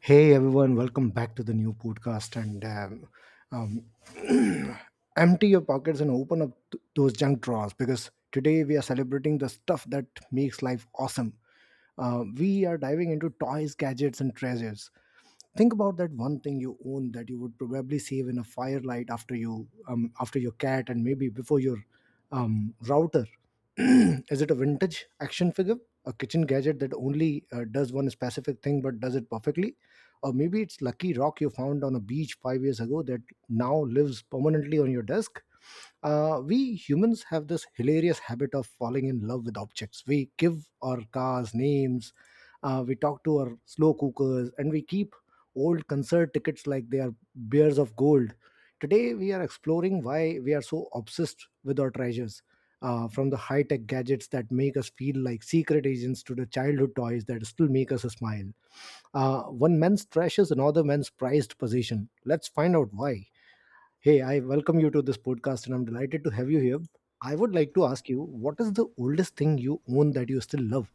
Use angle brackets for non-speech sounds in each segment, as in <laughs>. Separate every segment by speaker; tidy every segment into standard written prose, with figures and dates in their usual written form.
Speaker 1: Hey everyone, welcome back to the new podcast. And um, <clears throat> empty your pockets and open up those junk drawers because today we are celebrating the stuff that makes life awesome. We are diving into toys, gadgets, and treasures. Think about that one thing you own that you would probably save in a firelight after your cat, and maybe before your router. <clears throat> Is it a vintage action figure, a kitchen gadget that only does one specific thing but does it perfectly? Or maybe it's lucky rock you found on a beach 5 years ago that now lives permanently on your desk. We humans have this hilarious habit of falling in love with objects. We give our cars names, we talk to our slow cookers, and we keep old concert tickets like they are bears of gold. Today, we are exploring why we are so obsessed with our treasures. From the high tech gadgets that make us feel like secret agents to the childhood toys that still make us smile. One man's trash is another man's prized possession. Let's find out why. Hey, I welcome you to this podcast and I'm delighted to have you here. I would like to ask you, what is the oldest thing you own that you still love?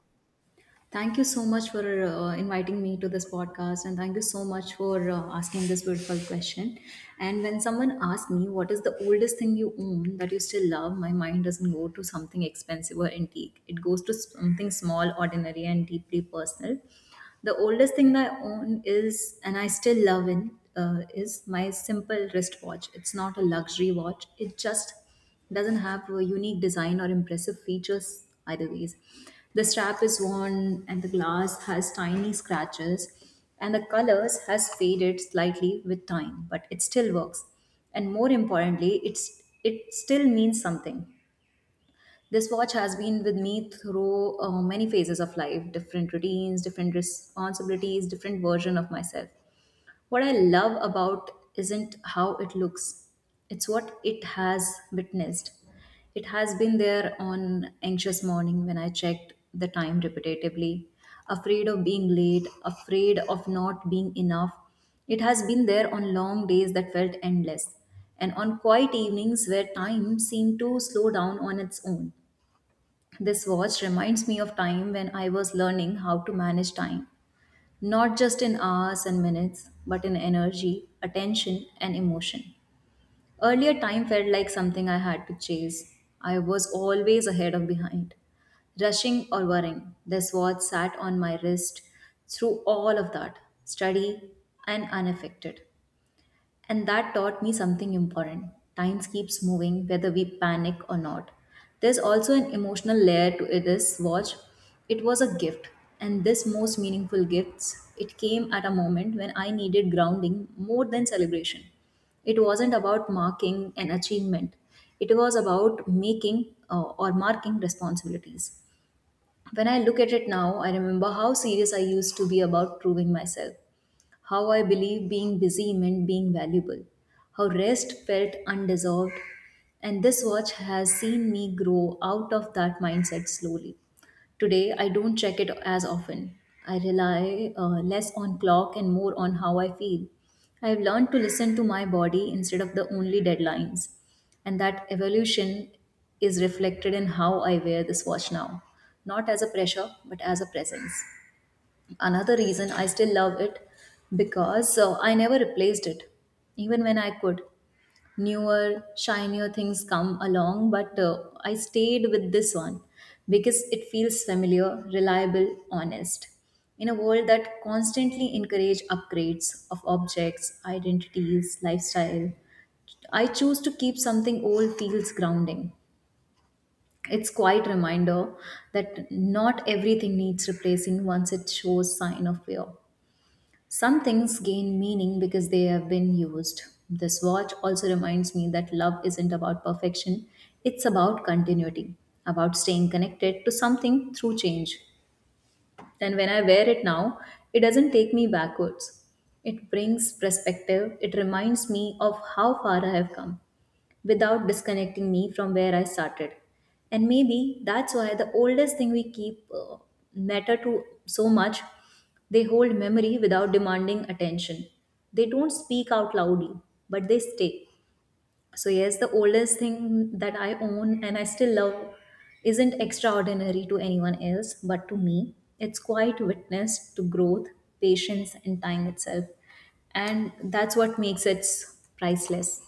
Speaker 2: Thank you so much for inviting me to this podcast, and thank you so much for asking this beautiful question. And when someone asks me, what is the oldest thing you own that you still love? My mind doesn't go to something expensive or antique, it goes to something small, ordinary, and deeply personal. The oldest thing that I own is, and I still love it, is my simple wristwatch. It's not a luxury watch. It just doesn't have a unique design or impressive features either ways. The strap is worn and the glass has tiny scratches and the colors has faded slightly with time, but it still works. And more importantly, it still means something. This watch has been with me through many phases of life, different routines, different responsibilities, different version of myself. What I love about isn't how it looks. It's what it has witnessed. It has been there on anxious morning when I checked the time repetitively, afraid of being late, afraid of not being enough. It has been there on long days that felt endless and on quiet evenings where time seemed to slow down on its own. This watch reminds me of time when I was learning how to manage time, not just in hours and minutes, but in energy, attention, and emotion. Earlier, time felt like something I had to chase. I was always ahead or behind, rushing or worrying. This watch sat on my wrist through all of that, steady and unaffected. And that taught me something important. Time keeps moving whether we panic or not. There's also an emotional layer to this watch. It was a gift, and this most meaningful gifts, it came at a moment when I needed grounding more than celebration. It wasn't about marking an achievement. It was about making or marking responsibilities. When I look at it now, I remember how serious I used to be about proving myself, how I believe being busy meant being valuable, how rest felt undeserved, and this watch has seen me grow out of that mindset slowly. Today, I don't check it as often. I rely less on clock and more on how I feel. I have learned to listen to my body instead of the only deadlines, and that evolution is reflected in how I wear this watch now, not as a pressure, but as a presence. Another reason I still love it, because I never replaced it, even when I could. Newer, shinier things come along, but I stayed with this one because it feels familiar, reliable, honest. In a world that constantly encourage upgrades of objects, identities, lifestyle, I choose to keep something old feels grounding. It's quite reminder that not everything needs replacing once it shows sign of wear. Some things gain meaning because they have been used. This watch also reminds me that love isn't about perfection, it's about continuity, about staying connected to something through change. And when I wear it now, it doesn't take me backwards. It brings perspective, it reminds me of how far I have come without disconnecting me from where I started. And maybe that's why the oldest thing we keep matter to so much. They hold memory without demanding attention. They don't speak out loudly, but they stay. So, yes, the oldest thing that I own and I still love isn't extraordinary to anyone else, but to me, it's quite witness to growth, patience, and time itself. And that's what makes it priceless.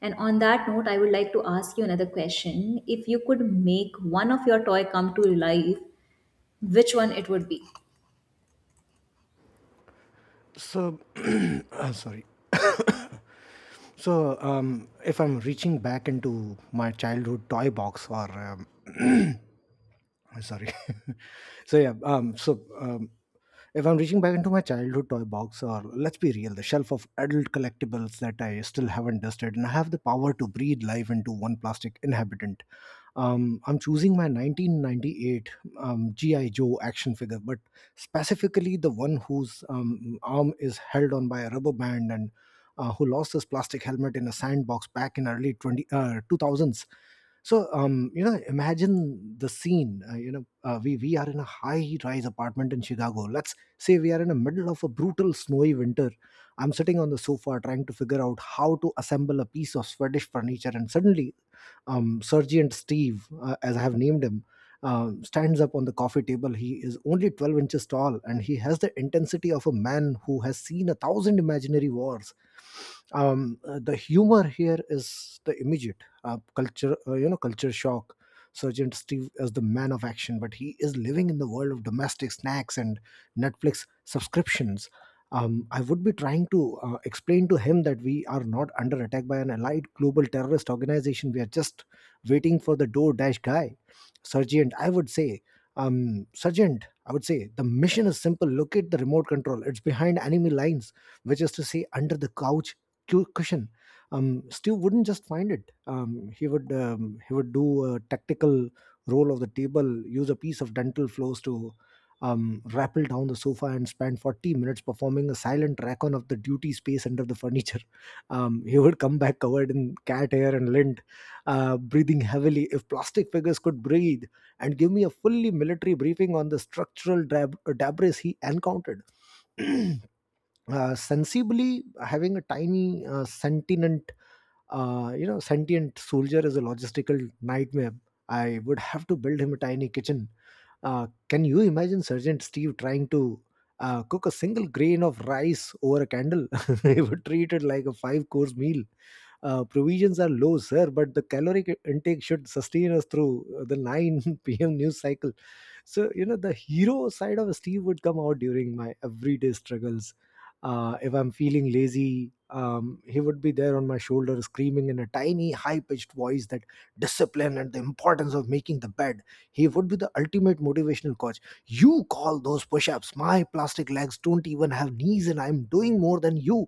Speaker 2: And on that note, I would like to ask you another question. If you could make one of your toy come to life, which one it would be?
Speaker 1: So, <clears throat> sorry. So, if I'm reaching back into my childhood toy box or um, <clears throat> sorry. <laughs> So, yeah, if I'm reaching back into my childhood toy box, or let's be real, the shelf of adult collectibles that I still haven't dusted, and I have the power to breathe life into one plastic inhabitant, I'm choosing my 1998 GI Joe action figure, but specifically the one whose arm is held on by a rubber band, and who lost his plastic helmet in a sandbox back in early 20 2000s. So, imagine the scene. We are in a high rise apartment in Chicago. Let's say we are in the middle of a brutal snowy winter. I'm sitting on the sofa trying to figure out how to assemble a piece of Swedish furniture, and suddenly, Sergeant Steve, as I have named him, stands up on the coffee table. He is only 12 inches tall, and he has the intensity of a man who has seen a thousand imaginary wars. The humor here is the immediate culture shock. Sergeant Steve is the man of action, but he is living in the world of domestic snacks and Netflix subscriptions. I would be trying to explain to him that we are not under attack by an allied global terrorist organization. We are just waiting for the door dash guy. Sergeant, I would say, Sergeant, I would say, the mission is simple. Locate the remote control. It's behind enemy lines, which is to say, under the couch cushion. Stu wouldn't just find it. He would do a tactical roll of the table, use a piece of dental floss to rappelled down the sofa, and spent 40 minutes performing a silent recon of the duty space under the furniture. He would come back covered in cat hair and lint, breathing heavily. If plastic figures could breathe, and give me a fully military briefing on the structural debris he encountered. <clears throat> Sensibly, having a tiny sentient you know sentient soldier is a logistical nightmare. I would have to build him a tiny kitchen. Can you imagine Sergeant Steve trying to cook a single grain of rice over a candle? <laughs> He would treat it like a five course meal. Provisions are low, sir, but the caloric intake should sustain us through the 9 <laughs> p.m news cycle. So, the hero side of Steve would come out during my everyday struggles. If I'm feeling lazy, he would be there on my shoulder screaming in a tiny high-pitched voice, that discipline and the importance of making the bed. He would be the ultimate motivational coach. You call those push-ups? My plastic legs don't even have knees, and I'm doing more than you.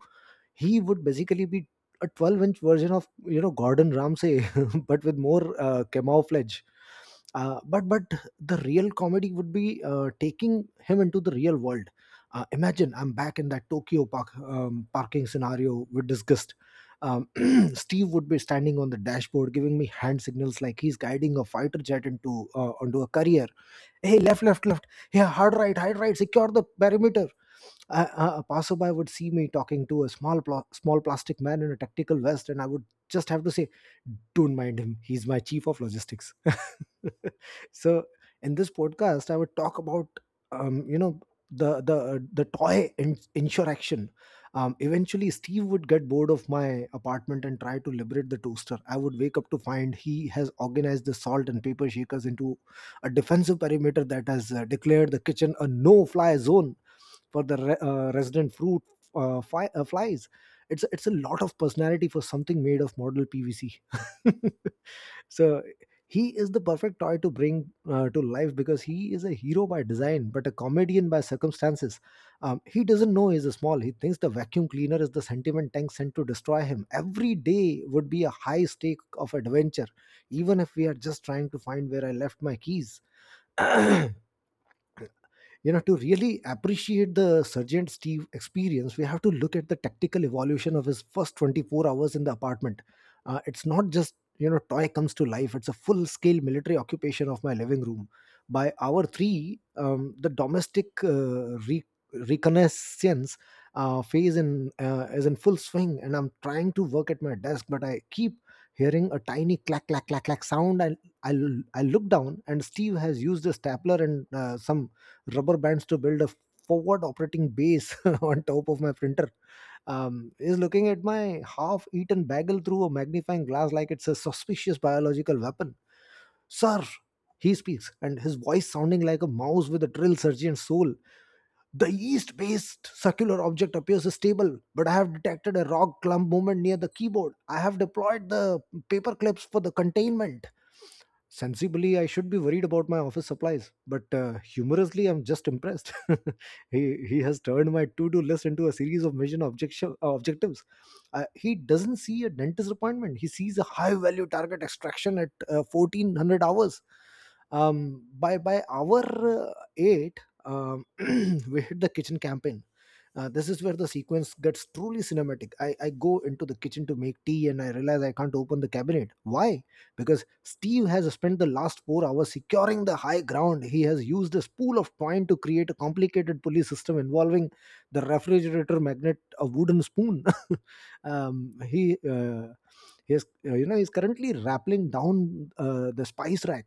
Speaker 1: He would basically be a 12-inch version of Gordon Ramsay, <laughs> but with more camouflage. But the real comedy would be taking him into the real world. Imagine I'm back in that Tokyo parking scenario with disgust. um, <clears throat> Steve would be standing on the dashboard giving me hand signals like he's guiding a fighter jet into onto a carrier. Hey, left, left, left. Yeah, hard right, hard right. Secure the perimeter. A passerby would see me talking to a small plastic man in a tactical vest, and I would just have to say, "Don't mind him. He's my chief of logistics." <laughs> So, in this podcast, I would talk about, um, you know, the toy insurrection. Eventually, Steve would get bored of my apartment and try to liberate the toaster. I would wake up to find he has organized the salt and paper shakers into a defensive perimeter that has declared the kitchen a no-fly zone for the resident fruit flies. It's a lot of personality for something made of model PVC. <laughs> So, he is the perfect toy to bring to life because he is a hero by design but a comedian by circumstances. He doesn't know he's a small. He thinks the vacuum cleaner is the sentiment tank sent to destroy him. Every day would be a high stake of adventure, even if we are just trying to find where I left my keys. To really appreciate the Sergeant Steve experience, we have to look at the tactical evolution of his first 24 hours in the apartment. It's not just, toy comes to life. It's a full scale military occupation of my living room. By hour 3, the domestic reconnaissance phase in is in full swing, and I'm trying to work at my desk, but I keep hearing a tiny clack clack clack clack sound, and I, I look down and Steve has used a stapler and some rubber bands to build a forward operating base <laughs> on top of my printer, is looking at my half eaten bagel through a magnifying glass like it's a suspicious biological weapon. Sir, he speaks, and his voice sounding like a mouse with a drill surgeon's soul. The yeast based circular object appears stable, but I have detected a rock clump movement near the keyboard. I have deployed the paper clips for the containment. Sensibly, I should be worried about my office supplies, but humorously, I'm just impressed. <laughs> He has turned my to do list into a series of mission objectives. He doesn't see a dentist appointment, he sees a high value target extraction at 1400 hours. By hour 8, <clears throat> we hit the kitchen campaign. This is where the sequence gets truly cinematic. I go into the kitchen to make tea and I realize I can't open the cabinet. Why? Because Steve has spent the last 4 hours securing the high ground. He has used a spool of twine to create a complicated pulley system involving the refrigerator magnet, a wooden spoon. <laughs> He. He is, you know, he's currently rappelling down the spice rack,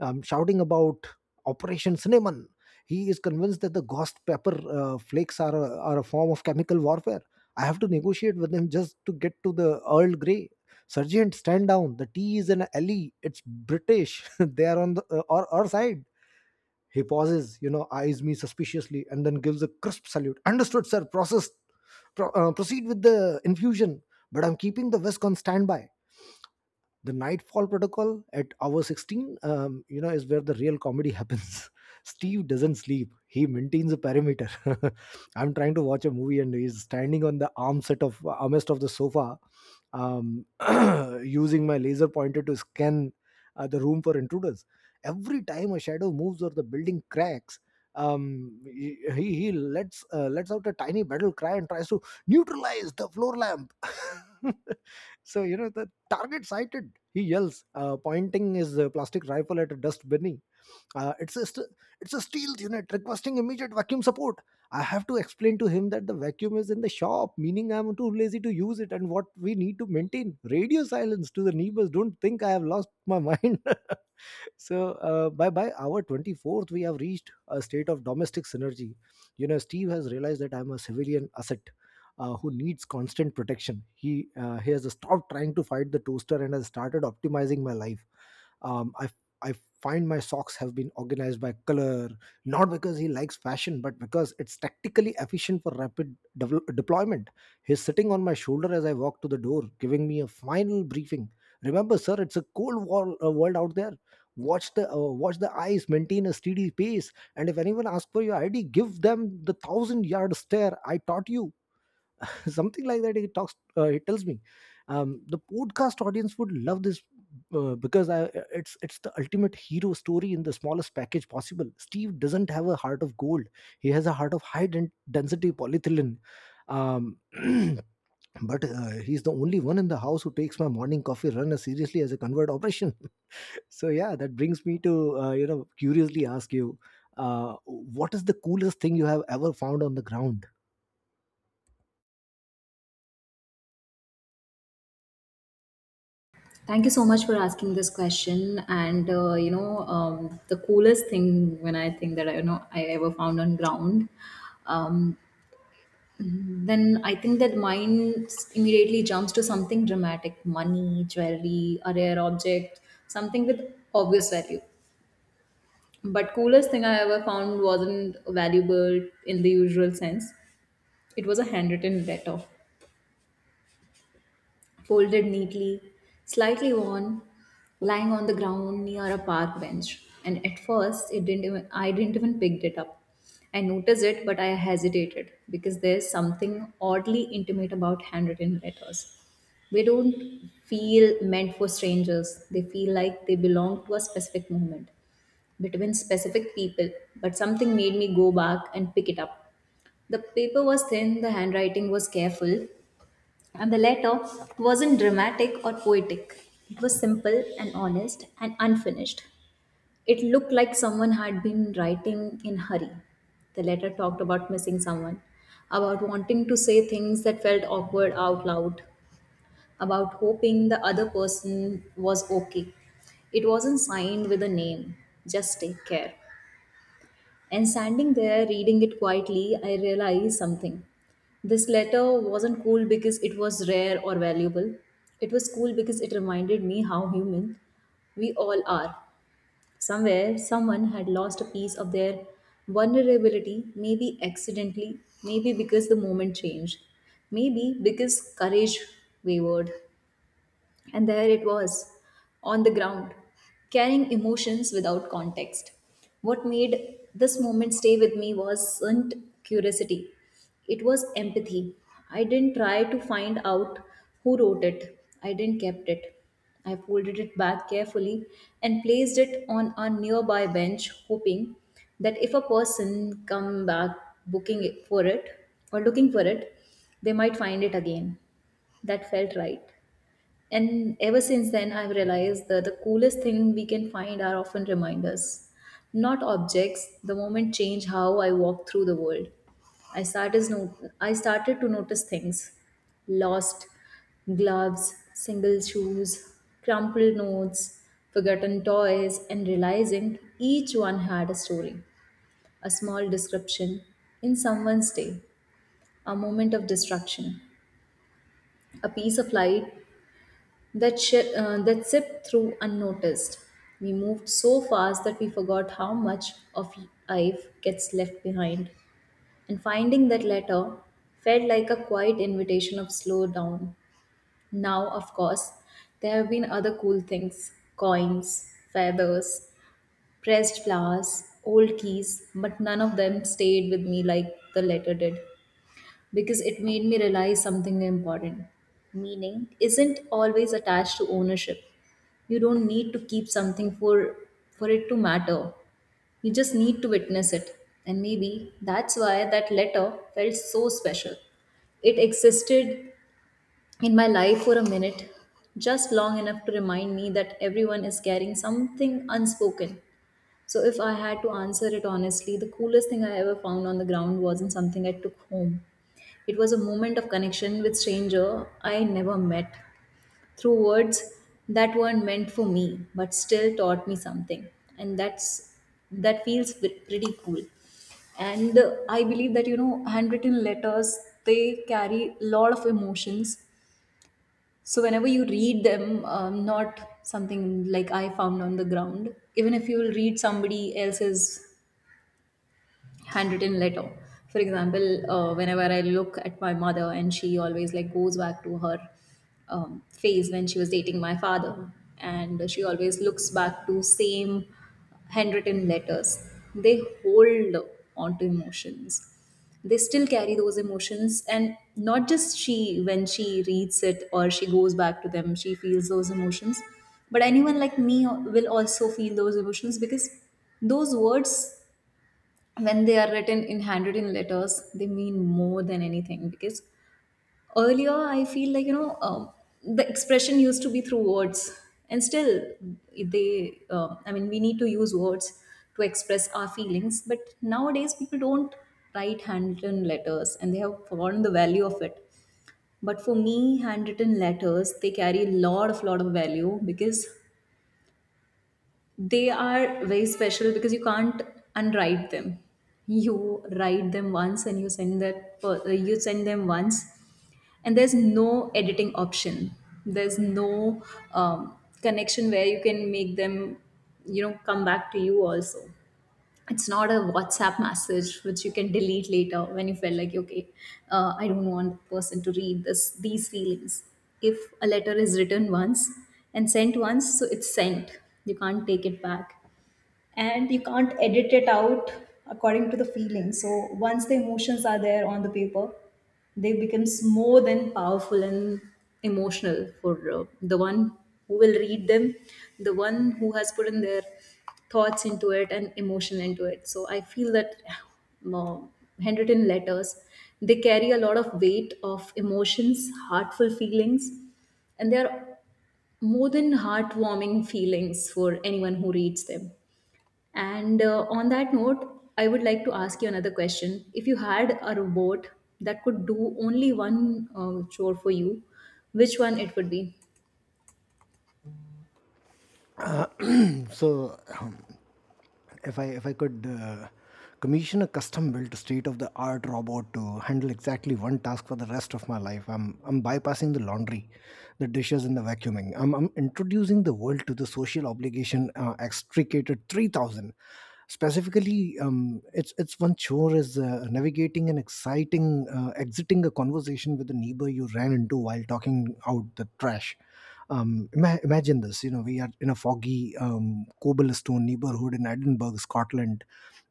Speaker 1: shouting about Operation Cinnamon. He is convinced that the ghost pepper flakes are a form of chemical warfare. I have to negotiate with him just to get to the Earl Grey. Sergeant, stand down. The tea is an alley. It's British. <laughs> They are on our side. He pauses, eyes me suspiciously, and then gives a crisp salute. Understood, sir. Proceed with the infusion, but I'm keeping the whisk on standby. The Nightfall Protocol at hour 16, is where the real comedy <laughs> happens. Steve doesn't sleep. He maintains a perimeter. <laughs> I'm trying to watch a movie and he's standing on the armset of armrest of the sofa, um, <clears throat> using my laser pointer to scan the room for intruders. Every time a shadow moves or the building cracks, he lets out a tiny battle cry and tries to neutralize the floor lamp. <laughs> So, the target sighted, he yells, pointing his plastic rifle at a dust bunny. Uh, it's a st- it's a steel unit requesting immediate vacuum support. I have to explain to him that the vacuum is in the shop, meaning I'm too lazy to use it, and what we need to maintain radio silence to the neighbors. Don't think I have lost my mind. <laughs> So by our 24th, we have reached a state of domestic synergy. You know, Steve has realized that I'm a civilian asset who needs constant protection. He has stopped trying to fight the toaster and has started optimizing my life. Um, I I find my socks have been organized by color, not because he likes fashion, but because it's tactically efficient for rapid deployment. He's sitting on my shoulder as I walk to the door, giving me a final briefing. Remember, sir, it's a cold world out there. Watch the eyes, maintain a steady pace, and if anyone asks for your ID, give them the thousand yard stare I taught you. <laughs> Something like that he tells me the podcast audience would love this because I, it's the ultimate hero story in the smallest package possible. Steve doesn't have a heart of gold; he has a heart of high density polyethylene. Um, <clears throat> but he's the only one in the house who takes my morning coffee run as seriously as a convert operation. <laughs> So yeah, that brings me to curiously ask you, what is the coolest thing you have ever found on the ground?
Speaker 2: Thank you so much for asking this question. And the coolest thing when I think that I you know I ever found on ground, um, then I think that mine immediately jumps to something dramatic: money, jewelry, a rare object, something with obvious value. But coolest thing I ever found wasn't valuable in the usual sense. It was a handwritten letter folded neatly, slightly worn, lying on the ground near a park bench. And at first, it didn't even I didn't even pick it up. I noticed it, but I hesitated because there's something oddly intimate about handwritten letters. They don't feel meant for strangers. They feel like they belong to a specific moment between specific people. But something made me go back and pick it up. The paper was thin, the handwriting was careful, and the letter wasn't dramatic or poetic. It was simple and honest and unfinished. It looked like someone had been writing in hurry. The letter talked about missing someone, about wanting to say things that felt awkward out loud, about hoping the other person was okay. It wasn't signed with a name, just take care. And standing there reading it quietly, I realized something. This letter wasn't cool because it was rare or valuable. It was cool because it reminded me how human we all are. Somewhere, someone had lost a piece of their vulnerability, maybe accidentally, maybe because the moment changed, maybe because courage wavered. And there it was, on the ground, carrying emotions without context. What made this moment stay with me wasn't curiosity, it was empathy. I didn't try to find out who wrote it, I didn't kept it. I folded it back carefully and placed it on a nearby bench, hoping that if a person come back booking it for it or looking for it, they might find it again. That felt right. And ever since then, I've realized that the coolest thing we can find are often reminders, not objects. The moment change how I walk through the world. I started no- I started to notice things: lost gloves, single shoes, crumpled notes, forgotten toys, and realizing each one had a story, a small description in someone's day, a moment of destruction, a piece of light that sipped through unnoticed. We moved so fast that we forgot how much of life gets left behind. And finding that letter felt like a quiet invitation of slow down. Now, of course, there have been other cool things: coins, feathers, pressed flowers, old keys, but none of them stayed with me like the letter did because it made me realize something important. Meaning isn't always attached to ownership. You don't need to keep something for it to matter, you just need to witness it. And maybe that's why that letter felt so special. It existed in my life for a minute, just long enough to remind me that everyone is carrying something unspoken. So if I had to answer it honestly, the coolest thing I ever found on the ground wasn't something I took home, it was a moment of connection with stranger I never met through words that weren't meant for me but still taught me something. And that feels pretty cool. And I believe that you know handwritten letters, they carry a lot of emotions. So whenever you read them, not something like I found on the ground, even if you will read somebody else's handwritten letter, for example, whenever I look at my mother, and she always like goes back to her phase when she was dating my father, and she always looks back to same handwritten letters, they hold on to emotions, they still carry those emotions. And not just she, when she reads it or she goes back to them, she feels those emotions, but anyone like me will also feel those emotions, because those words, when they are written in handwritten letters, they mean more than anything. Because earlier I feel like you know, the expression used to be through words, and still they I mean we need to use words to express our feelings, but nowadays people don't write handwritten letters and they have forgotten the value of it. But for me, handwritten letters, they carry a lot of value, because they are very special, because you can't unwrite them. You write them once and you send you send them once, and there's no editing option, there's no connection where you can make them you know come back to you also. It's not a WhatsApp message which you can delete later when you felt like, okay, I don't want the person to read this these feelings. If a letter is written once and sent once, so it's sent, you can't take it back and you can't edit it out according to the feeling. So once the emotions are there on the paper, they becomes more than powerful and emotional for the one who will read them, the one who has put in their thoughts into it and emotion into it. So I feel that uh, handwritten letters, they carry a lot of weight of emotions, heartful feelings, and they are more than heartwarming feelings for anyone who reads them. And on that note, I would like to ask you another question. If you had a robot that could do only one chore for you, which one it would be?
Speaker 1: So if I could commission a custom-built state-of-the-art robot to handle exactly one task for the rest of my life, I'm bypassing the laundry, the dishes, and the vacuuming. I'm introducing the world to the social obligation extricated 3000. Specifically, it's one chore is navigating an exciting exiting a conversation with a neighbor you ran into while talking out the trash. Imagine this, you know, we are in a foggy cobblestone neighborhood in Edinburgh, Scotland.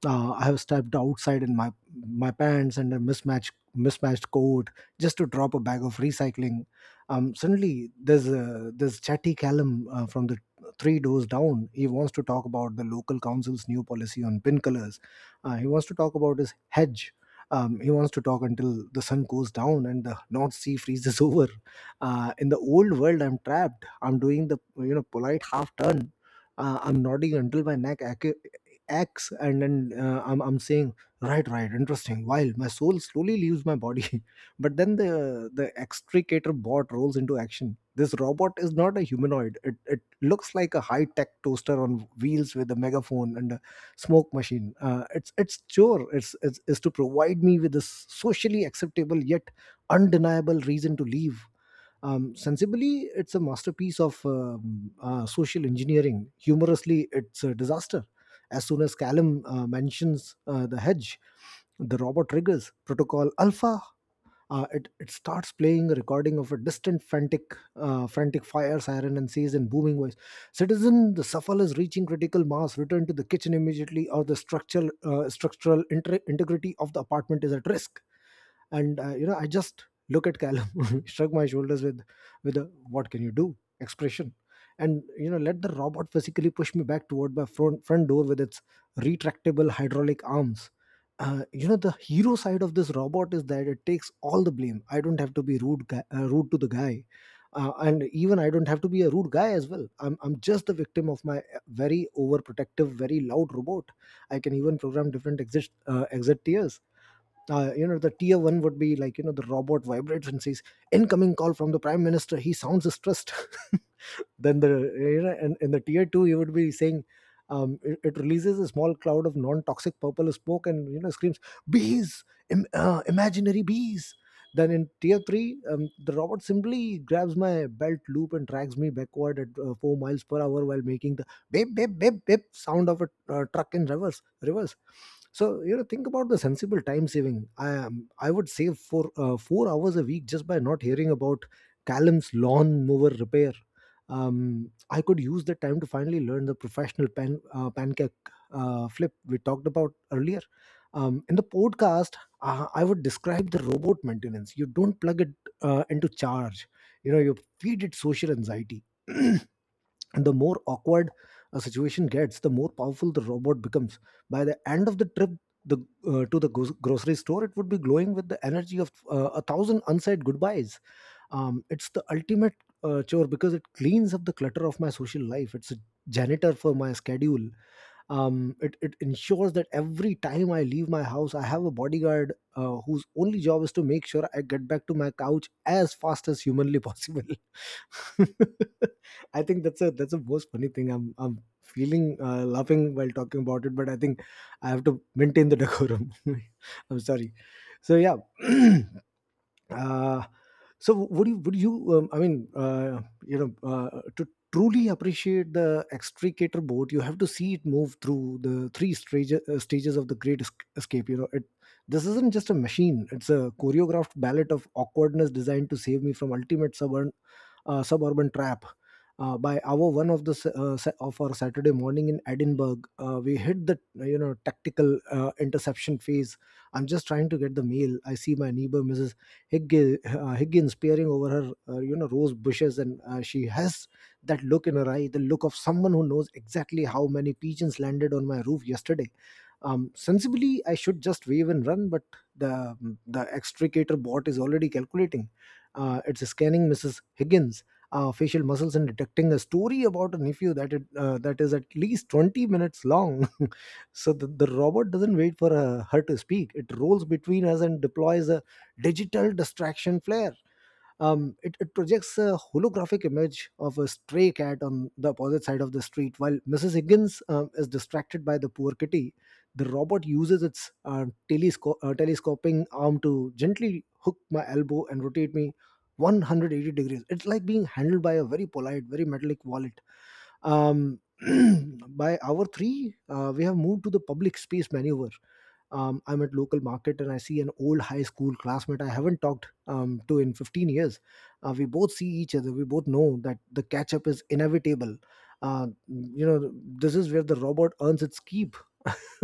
Speaker 1: I have stepped outside in my pants and a mismatched coat just to drop a bag of recycling. Suddenly there's chatty Callum from the three doors down. He wants to talk about the local council's new policy on pin colors. He wants to talk about his hedge. He wants to talk until the sun goes down and the North Sea freezes <laughs> over. In the old world, I'm trapped. I'm doing the polite half turn. I'm nodding until my neck acts, and then I'm saying, "Right, right, interesting." While my soul slowly leaves my body. <laughs> But then the extricator bot rolls into action. This robot is not a humanoid. It looks like a high tech toaster on wheels with a megaphone and a smoke machine. It's chore. It's is to provide me with a socially acceptable yet undeniable reason to leave. Sensibly, it's a masterpiece of social engineering. Humorously, it's a disaster. As soon as Callum mentions the hedge, the robot triggers protocol alpha. It starts playing a recording of a distant frantic fire siren and says in booming voice, "Citizen, the shuffle is reaching critical mass. Return to the kitchen immediately, or the structural integrity of the apartment is at risk." And I just look at Callum, <laughs> shrug my shoulders with a "what can you do" expression, and let the robot physically push me back toward my front door with its retractable hydraulic arms. The hero side of this robot is that it takes all the blame. I don't have to be rude guy, rude to the guy. And even I don't have to be a rude guy as well. I'm just the victim of my very overprotective, very loud robot. I can even program different exit tiers. The tier one would be like, the robot vibrates and says, "Incoming call from the prime minister, he sounds stressed." <laughs> then the you know and in the tier two, you would be saying, it releases a small cloud of non-toxic purple smoke and screams, "Bees!" Imaginary bees. Then in tier 3, the robot simply grabs my belt loop and drags me backward at 4 miles per hour, while making the beep beep beep beep sound of a truck in reverse. So, think about the sensible time saving I would save for 4 hours a week just by not hearing about Callum's lawn mower repair. I could use the time to finally learn the professional pancake flip we talked about earlier. In the podcast, I would describe the robot maintenance. You don't plug it into charge. You know, you feed it social anxiety. <clears throat> And the more awkward a situation gets, the more powerful the robot becomes. By the end of the trip, the to the grocery store, it would be glowing with the energy of a thousand unsaid goodbyes. It's the ultimate chore because it cleans up the clutter of my social life. It's a janitor for my schedule. It ensures that every time I leave my house, I have a bodyguard whose only job is to make sure I get back to my couch as fast as humanly possible. <laughs> I think that's a that's the most funny thing. I'm feeling laughing while talking about it, but I think I have to maintain the decorum. <laughs> I'm sorry. So yeah. <clears throat> uh, so would you I mean, to truly appreciate the extricator boat, you have to see it move through the three stages of the great escape. You know it This isn't just a machine. It's a choreographed ballet of awkwardness designed to save me from ultimate suburban trap. By hour one of the s- sa- of our Saturday morning in Edinburgh, we hit the tactical interception phase. I'm just trying to get the mail. I see my neighbor Mrs. Higgins peering over her, rose bushes, and she has that look in her eye, the look of someone who knows exactly how many pigeons landed on my roof yesterday. Sensibly, I should just wave and run, but the the extricator bot is already calculating. It's scanning Mrs. Higgins' facial muscles and detecting a story about a nephew that is at least 20 minutes long. <laughs> So the robot doesn't wait for her to speak. It rolls between us and deploys a digital distraction flare. It projects a holographic image of a stray cat on the opposite side of the street. While Mrs. Higgins is distracted by the poor kitty, the robot uses its telescoping arm to gently hook my elbow and rotate me 180 degrees. It's like being handled by a very polite, very metallic wallet. Um, <clears throat> by hour three, we have moved to the public space maneuver. I'm at local market and I see an old high school classmate I haven't talked to in 15 years. We both see each other. We both know that the catch up is inevitable. uh, you know this is where the robot earns its keep. <laughs>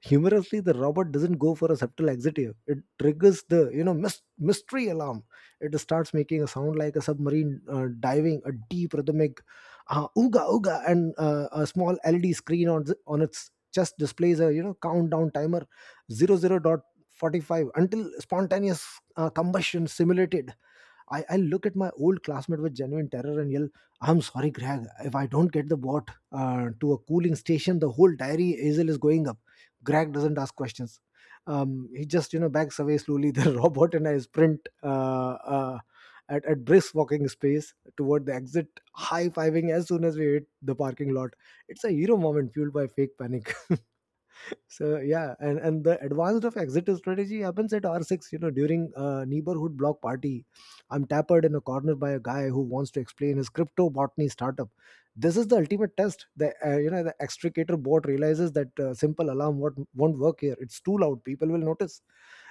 Speaker 1: Humorously, the robot doesn't go for a subtle exit here. It triggers the mystery alarm. It starts making a sound like a submarine diving, a deep rhythmic ooga ooga, and a small LED screen on on its chest displays a countdown timer. "Zero zero dot 45 until spontaneous combustion simulated." I look at my old classmate with genuine terror and yell, "I'm sorry, Greg, if I don't get the bot to a cooling station, the whole diary hazel is going up." Greg doesn't ask questions. He just backs away slowly. <laughs> The robot and I sprint at brisk walking space toward the exit, high-fiving as soon as we hit the parking lot. It's a hero moment fueled by fake panic. <laughs> So yeah, and the advanced of exit strategy happens at r6, during a neighborhood block party. I'm tappered in a corner by a guy who wants to explain his crypto botany startup. This is the ultimate test. The uh, you know the extricator bot realizes that simple alarm won't work here. It's too loud. People will notice.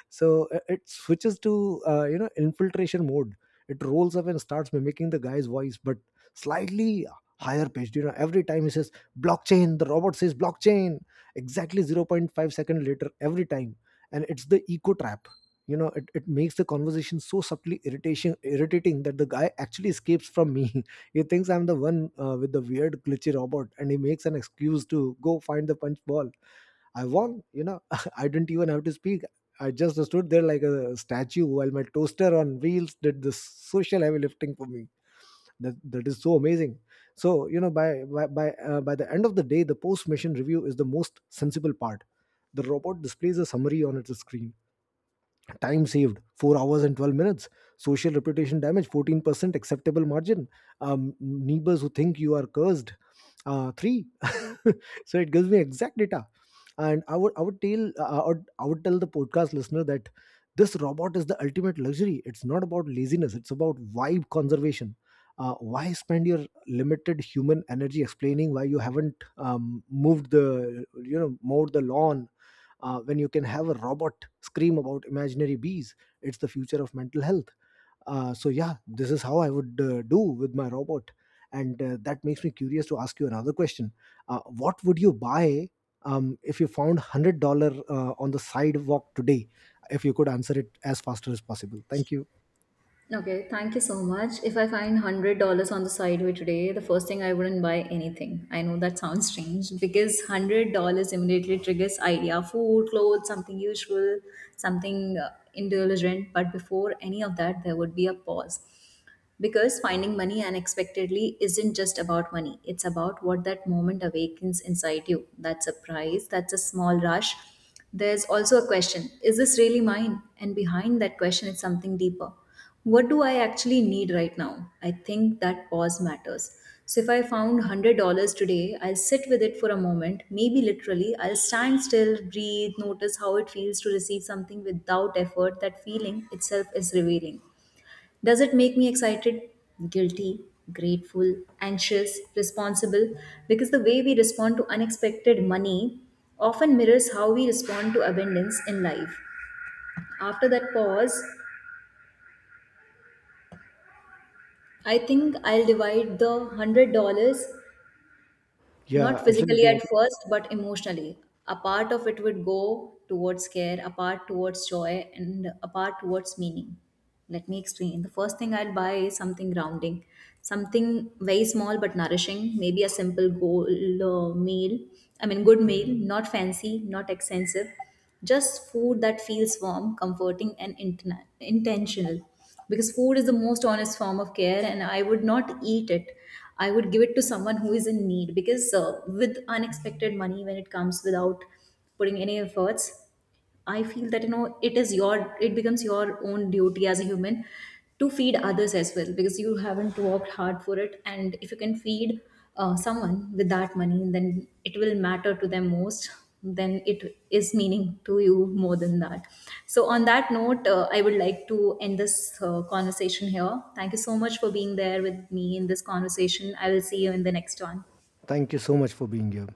Speaker 1: So it switches to infiltration mode. It rolls up and starts mimicking the guy's voice, but slightly higher pitched. Every time he says blockchain, the robot says blockchain exactly zero point 0.5 second later, every time. And it's the eco trap. It makes the conversation so subtly irritation irritating that the guy actually escapes from me. <laughs> He thinks I'm the one with the weird glitchy robot and he makes an excuse to go find the punch ball. I won. You know, <laughs> I didn't even have to speak. I just stood there like a statue while my toaster on wheels did the social heavy lifting for me. That is so amazing. So by the end of the day, the post mission review is the most sensible part. The robot displays a summary on its screen: time saved, 4 hours and 12 minutes; social reputation damage, 14% acceptable margin; neighbors who think you are cursed, 3. <laughs> So it gives me exact data. And I would tell I would tell the podcast listener that this robot is the ultimate luxury. It's not about laziness, it's about vibe conservation. Why spend your limited human energy explaining why you haven't moved the you know mowed the lawn, when you can have a robot scream about imaginary bees? It's the future of mental health. So yeah, this is how I would do with my robot. And that makes me curious to ask you another question. What would you buy, if you found $100 on the sidewalk today? If you could answer it as faster as possible, thank you.
Speaker 2: Okay, thank you so much. If I find $100 on the sideway today, the first thing I wouldn't buy anything. I know that sounds strange because $100 immediately triggers idea, food, clothes, something usual, something indulgent. But before any of that, there would be a pause. Because finding money unexpectedly isn't just about money, it's about what that moment awakens inside you. That surprise, that's a small rush. There's also a question: is this really mine? And behind that question is something deeper. What do I actually need right now? I think that pause matters. So if I found $100 today, I'll sit with it for a moment, maybe literally. I'll stand still, breathe, notice how it feels to receive something without effort. That feeling itself is revealing. Does it make me excited, guilty, grateful, anxious, responsible? Because the way we respond to unexpected money often mirrors how we respond to abundance in life. After that pause, I think I'll divide the $100
Speaker 1: Yeah,
Speaker 2: not physically
Speaker 1: absolutely, I
Speaker 2: at
Speaker 1: think.
Speaker 2: first, but emotionally. A part of it would go towards care, a part towards joy, and a part towards meaning. Let me explain. The first thing I'd buy is something grounding, something very small but nourishing, maybe a simple goal meal. I mean, good meal, not fancy, not expensive, just food that feels warm, comforting, and intentional. Because food is the most honest form of care, and I would not eat it. I would give it to someone who is in need, because with unexpected money, when it comes without putting any efforts, I feel that you know it becomes your own duty as a human to feed others as well, because you haven't worked hard for it. And if you can feed someone with that money, then it will matter to them most, then it is meaning to you more than that. So on that note, I would like to end this conversation here. Thank you so much for being there with me in this conversation. I will see you in the next one.
Speaker 1: Thank you so much for being here.